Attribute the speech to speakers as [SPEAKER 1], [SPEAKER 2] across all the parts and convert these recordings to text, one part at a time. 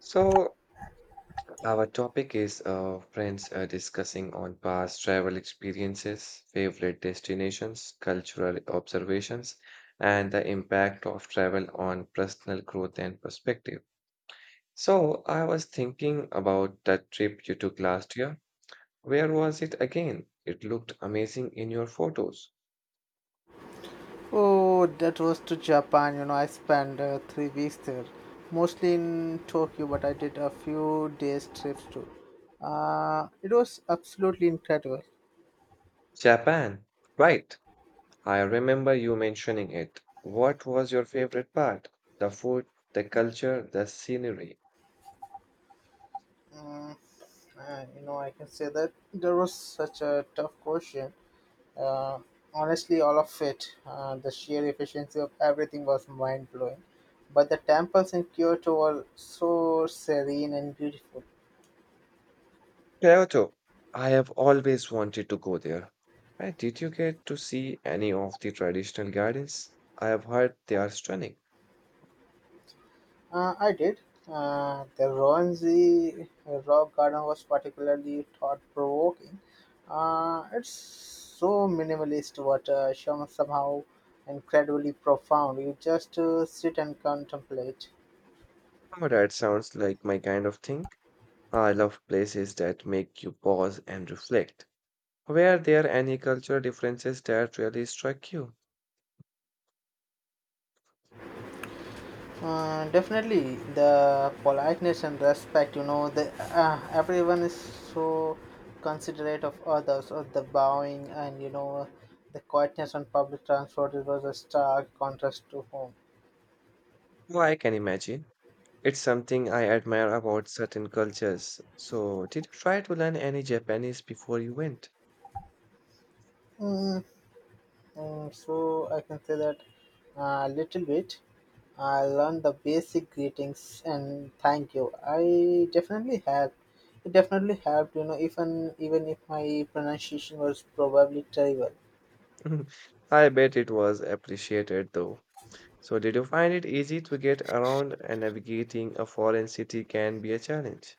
[SPEAKER 1] So, our topic is friends discussing on past travel experiences, favorite destinations, cultural observations, and the impact of travel on personal growth and perspective. So, I was thinking about that trip you took last year. Where was it again? It looked amazing in your photos.
[SPEAKER 2] Oh, that was to Japan. I spent 3 weeks there, mostly in Tokyo, but I did a few days trips too. It was absolutely incredible.
[SPEAKER 1] Japan, right? I remember you mentioning it. What was your favorite part? The food, the culture, the scenery.
[SPEAKER 2] Mm, I can say that there was such a tough question. Uh, honestly, all of it, the sheer efficiency of everything was mind blowing. But the temples in Kyoto were so serene and beautiful.
[SPEAKER 1] Kyoto. I have always wanted to go there. And did you get to see any of the traditional gardens? I have heard they are stunning.
[SPEAKER 2] I did. The Rowanzi Rock Garden was particularly thought provoking. It's so minimalist, but somehow incredibly profound. You just sit and contemplate.
[SPEAKER 1] Oh, that sounds like my kind of thing. I love places that make you pause and reflect. Were there any cultural differences that really struck you?
[SPEAKER 2] Definitely, the politeness and respect, everyone is so considerate of others, or the bowing and the quietness on public transport. It was a stark contrast to home.
[SPEAKER 1] Well, I can imagine. It's something I admire about certain cultures. So, did you try to learn any Japanese before you went?
[SPEAKER 2] Mm, so I can say that a little bit. I learned the basic greetings and thank you. I definitely helped. It definitely helped, even if my pronunciation was probably terrible.
[SPEAKER 1] I bet it was appreciated though. So, did you find it easy to get around and navigating a foreign city can be a challenge?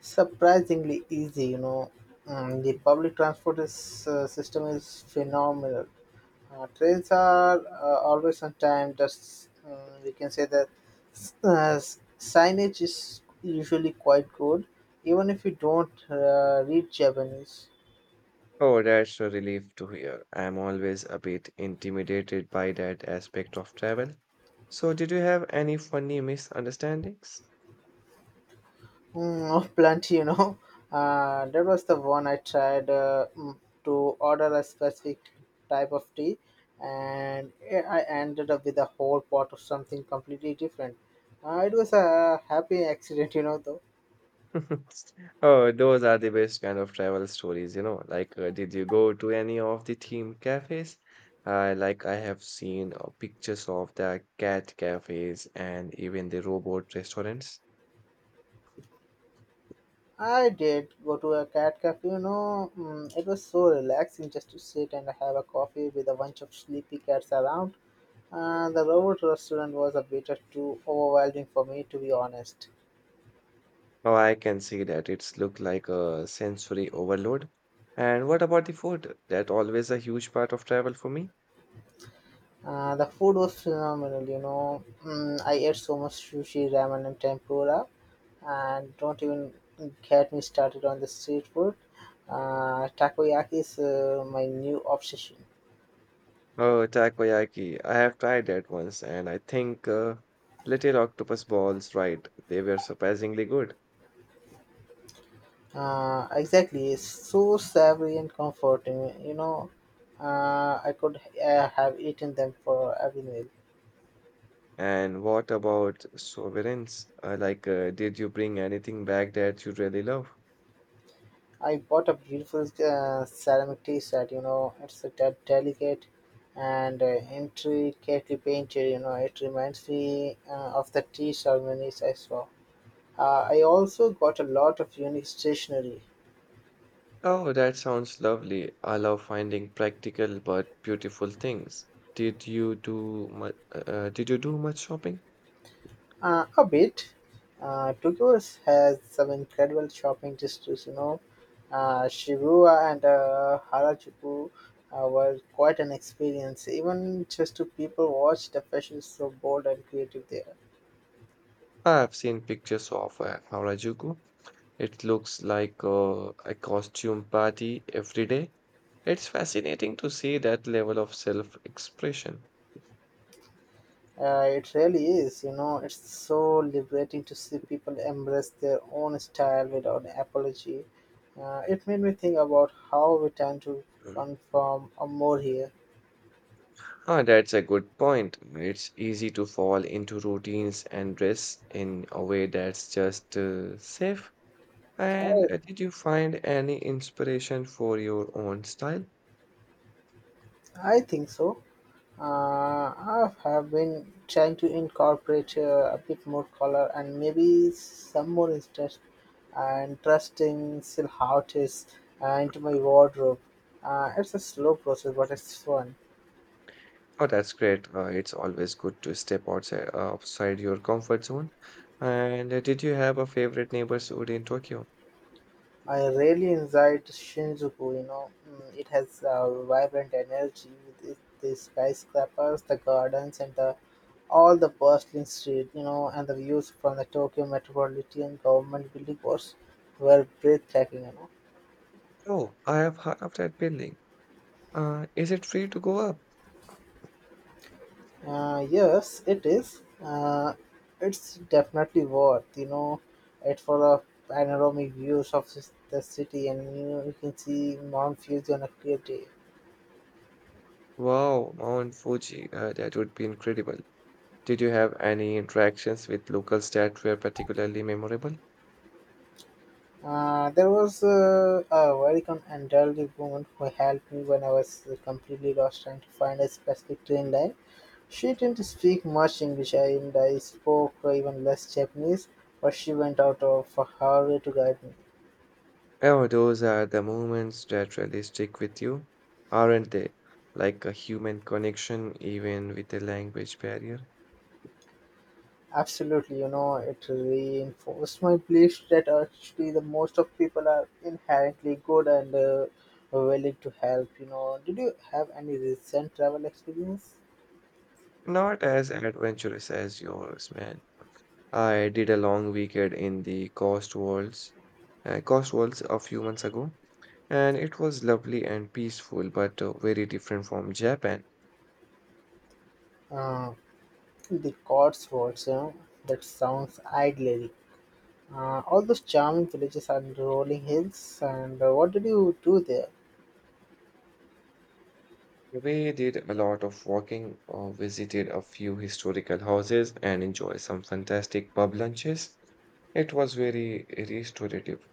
[SPEAKER 2] Surprisingly easy, you know. Mm, the public transport system is phenomenal. Trains are always on time. That's we can say that uh, signage is usually quite good, even if you don't read Japanese.
[SPEAKER 1] Oh, that's a relief to hear. I'm always a bit intimidated by that aspect of travel. So, did you have any funny misunderstandings?
[SPEAKER 2] Oh, plenty, you know. That was the one I tried to order a specific type of tea, and I ended up with a whole pot of something completely different. It was a happy accident, you know, though.
[SPEAKER 1] Oh, those are the best kind of travel stories, you know. Like, did you go to any of the theme cafes? Like, I have seen pictures of the cat cafes and even the robot restaurants.
[SPEAKER 2] I did go to a cat cafe, it was so relaxing just to sit and have a coffee with a bunch of sleepy cats around. The robot restaurant was a bit too overwhelming for me, to be honest.
[SPEAKER 1] Oh, I can see that. It's look like a sensory overload. And what about the food? That always a huge part of travel for me.
[SPEAKER 2] The food was phenomenal, you know. I ate so much sushi, ramen, and tempura, and don't even get me started on the street food. Takoyaki is my new obsession.
[SPEAKER 1] Oh, takoyaki. I have tried that once, and I think little octopus balls, right? They were surprisingly good.
[SPEAKER 2] Exactly, it's so savory and comforting. I could have eaten them for every meal.
[SPEAKER 1] And what about sovereigns? Like, did you bring anything back that you really love?
[SPEAKER 2] I bought a beautiful ceramic tea set. You know, it's delicate and intricately painted. You know, it reminds me of the tea ceremonies I saw. I also got a lot of unique stationery.
[SPEAKER 1] Oh, that sounds lovely. I love finding practical but beautiful things. Did you do much, did you do much shopping?
[SPEAKER 2] A bit. Tokyo has some incredible shopping districts, you know. Shibuya and Harajuku were quite an experience, even just to people watch the fashion is so bold and creative there.
[SPEAKER 1] I've seen pictures of Harajuku. It looks like a costume party every day. It's fascinating to see that level of self-expression.
[SPEAKER 2] It really is, you know, it's so liberating to see people embrace their own style without apology. It made me think about how we tend to
[SPEAKER 1] Mm.
[SPEAKER 2] conform more here.
[SPEAKER 1] Ah, that's a good point. It's easy to fall into routines and dress in a way that's just safe.
[SPEAKER 2] I,
[SPEAKER 1] And did you find any inspiration for your own style?
[SPEAKER 2] I think so. Uh, I have been trying to incorporate a bit more color and maybe some more interest and interesting still how it is into my wardrobe. It's a slow process, but it's fun.
[SPEAKER 1] Oh, that's great. It's always good to step outside, outside your comfort zone. And did you have a favorite neighborhood in Tokyo?
[SPEAKER 2] I really enjoyed Shinjuku. It has vibrant energy with it, the skyscrapers, the gardens, and the all the bustling street. You know, and the views from the Tokyo Metropolitan Government Building was were breathtaking. You know?
[SPEAKER 1] Oh, I have heard of that building. Is it free to go up?
[SPEAKER 2] Yes, it is. It's definitely worth, you know, it for a panoramic views of the city, and you, know, you can see Mount Fuji on a clear day.
[SPEAKER 1] Wow, Mount Fuji, that would be incredible. Did you have any interactions with locals that were particularly memorable?
[SPEAKER 2] There was a elderly woman who helped me when I was completely lost trying to find a specific train line. She didn't speak much English, and I spoke even less Japanese, but she went out of her way to guide me.
[SPEAKER 1] Oh, those are the moments that really stick with you, aren't they? Like a human connection, even with a language barrier.
[SPEAKER 2] Absolutely, you know, it reinforced my belief that actually the most of people are inherently good and willing to help. You know, did you have any recent travel experience?
[SPEAKER 1] Not as adventurous as yours, man. I did a long weekend in the Coast Walls a few months ago, and it was lovely and peaceful, but very different from Japan.
[SPEAKER 2] Uh, the Cotswolds, you know, that sounds idyllic. All those charming villages and rolling hills. And what did you do there?
[SPEAKER 1] We did a lot of walking, visited a few historical houses, and enjoyed some fantastic pub lunches. It was very restorative.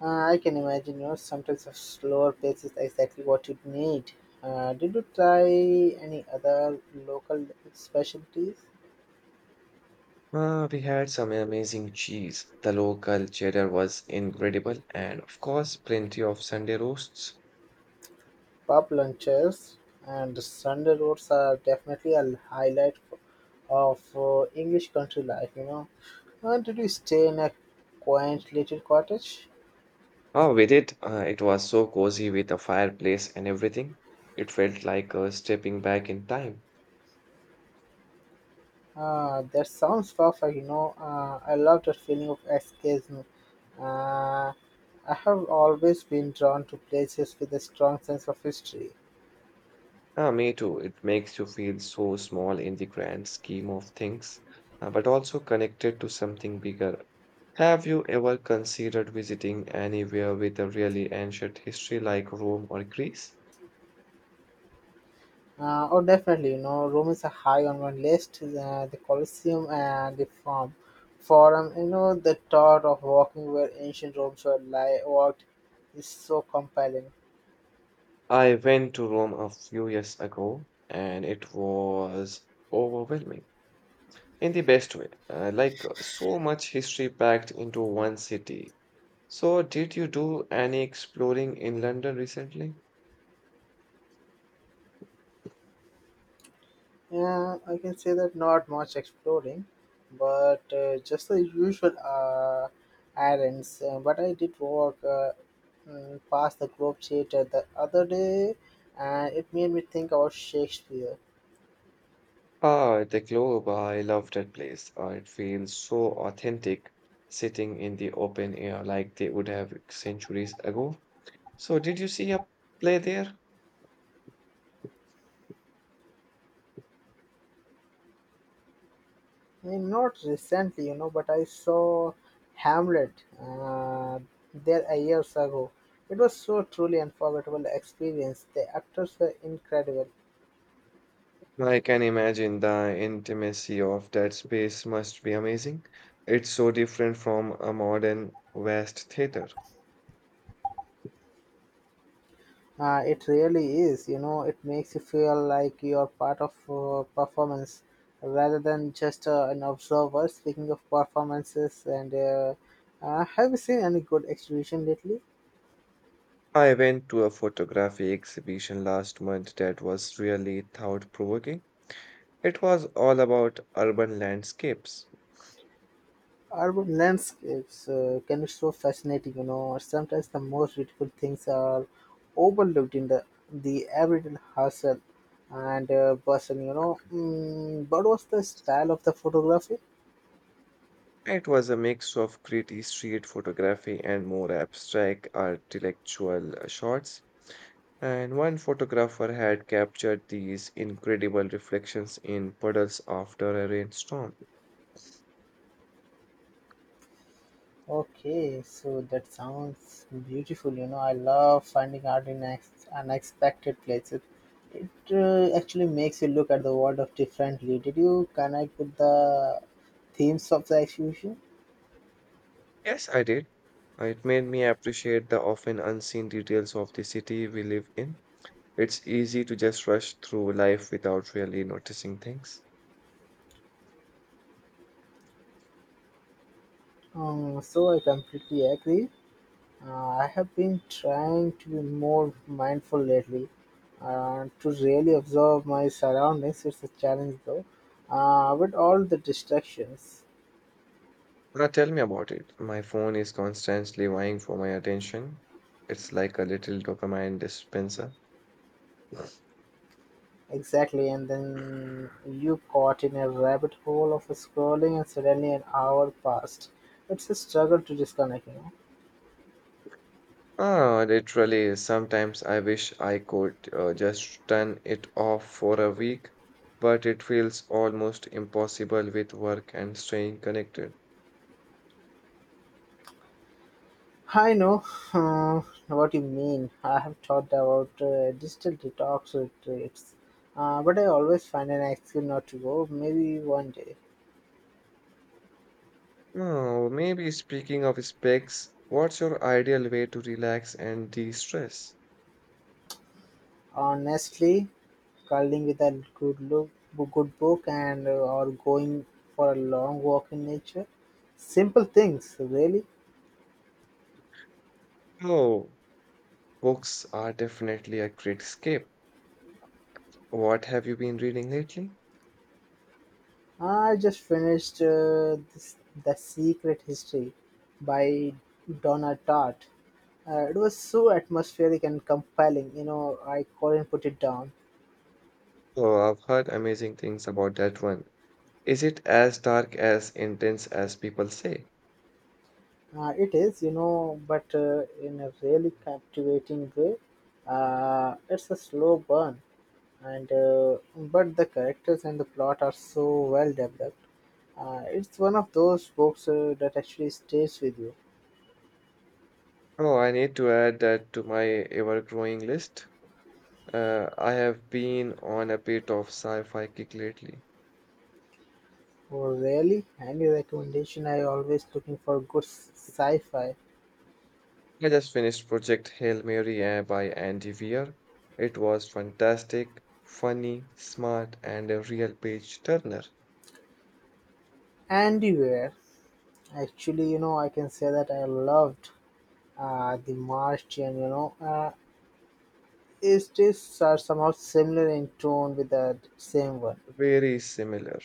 [SPEAKER 2] I can imagine, you know, sometimes a slower pace is exactly what you need. Did you try any other local specialties?
[SPEAKER 1] We had some amazing cheese. The local cheddar was incredible, and of course, plenty of Sunday roasts.
[SPEAKER 2] Pub lunches and Sunday roads are definitely a highlight of English country life. Did you stay in a quaint little cottage?
[SPEAKER 1] Oh, we did. It was so cozy with the fireplace and everything. It felt like stepping back in time.
[SPEAKER 2] That sounds perfect. I love that feeling of escapism. Uh, I have always been drawn to places with a strong sense of history.
[SPEAKER 1] Ah, me too. It makes you feel so small in the grand scheme of things, but also connected to something bigger. Have you ever considered visiting anywhere with a really ancient history like Rome or Greece?
[SPEAKER 2] Oh, definitely. You know, Rome is a high on my list. The Colosseum and the Forum. Forum. You know, the thought of walking where ancient Rome were lie walked is so compelling.
[SPEAKER 1] I went to Rome a few years ago and it was overwhelming in the best way. Like so much history packed into one city. So, did you do any exploring in London recently?
[SPEAKER 2] Yeah, I can say that not much exploring, but just the usual errands. But I did walk past the Globe Theatre the other day, and it made me think about Shakespeare.
[SPEAKER 1] Ah, the Globe, I love that place. It feels so authentic sitting in the open air like they would have centuries ago. So, did you see a play there?
[SPEAKER 2] I mean, not recently, you know, but I saw Hamlet uh, there a years ago. It was so truly unforgettable experience. The actors were incredible.
[SPEAKER 1] I can imagine the intimacy of that space must be amazing. It's so different from a modern West theater.
[SPEAKER 2] It really is, you know, it makes you feel like you're part of performance rather than just an observer. Speaking of performances, and have you seen any good exhibition lately?
[SPEAKER 1] I went to a photography exhibition last month that was really thought-provoking. It was all about urban landscapes.
[SPEAKER 2] Urban landscapes can be so fascinating, you know. Sometimes the most beautiful things are overlooked in the everyday hustle and bustle, you know. What was the style of the photography?
[SPEAKER 1] It was a mix of gritty street photography and more abstract architectural shots, and one photographer had captured these incredible reflections in puddles after a rainstorm.
[SPEAKER 2] Okay, so that sounds beautiful. You know, I love finding art in unexpected places. It actually makes you look at the world of differently. Did you connect with the themes of the exhibition?
[SPEAKER 1] Yes, I did. It made me appreciate the often unseen details of the city we live in. It's easy to just rush through life without really noticing things.
[SPEAKER 2] So I completely agree. I have been trying to be more mindful lately and to really observe my surroundings. It's a challenge though, with all the distractions.
[SPEAKER 1] Now tell me about it. My phone is constantly vying for my attention. It's like a little dopamine dispenser.
[SPEAKER 2] Exactly, and then you caught in a rabbit hole of scrolling, and suddenly an hour passed. It's a struggle to disconnect, you know.
[SPEAKER 1] Ah, literally, sometimes I wish I could just turn it off for a week, but it feels almost impossible with work and staying connected.
[SPEAKER 2] I know uh, what you mean. I have thought about digital detox retreats, but I always find an excuse not to go. Maybe one day.
[SPEAKER 1] Oh, maybe speaking of specs, what's your ideal way to relax and de-stress?
[SPEAKER 2] Honestly, cuddling with a good book, and or going for a long walk in nature. Simple things, really.
[SPEAKER 1] Oh, books are definitely a great escape. What have you been reading lately?
[SPEAKER 2] I just finished The Secret History by Donna Tartt. It was so atmospheric and compelling, you know, I couldn't put it down.
[SPEAKER 1] Oh, I've heard amazing things about that one. Is it as dark as intense as people say?
[SPEAKER 2] It is, you know, but in a really captivating way. It's a slow burn, and but the characters and the plot are so well developed. It's one of those books that actually stays with you.
[SPEAKER 1] Oh, I need to add that to my ever growing list. I have been on a bit of sci-fi kick lately.
[SPEAKER 2] Oh, really? Any recommendation? I always looking for good sci-fi.
[SPEAKER 1] I just finished Project Hail Mary by Andy Weir. It was fantastic, funny, smart, and a real page turner.
[SPEAKER 2] Anywhere, actually, you know, I can say that I loved the Martian. It is are somehow similar in tone with the same one.
[SPEAKER 1] Very similar.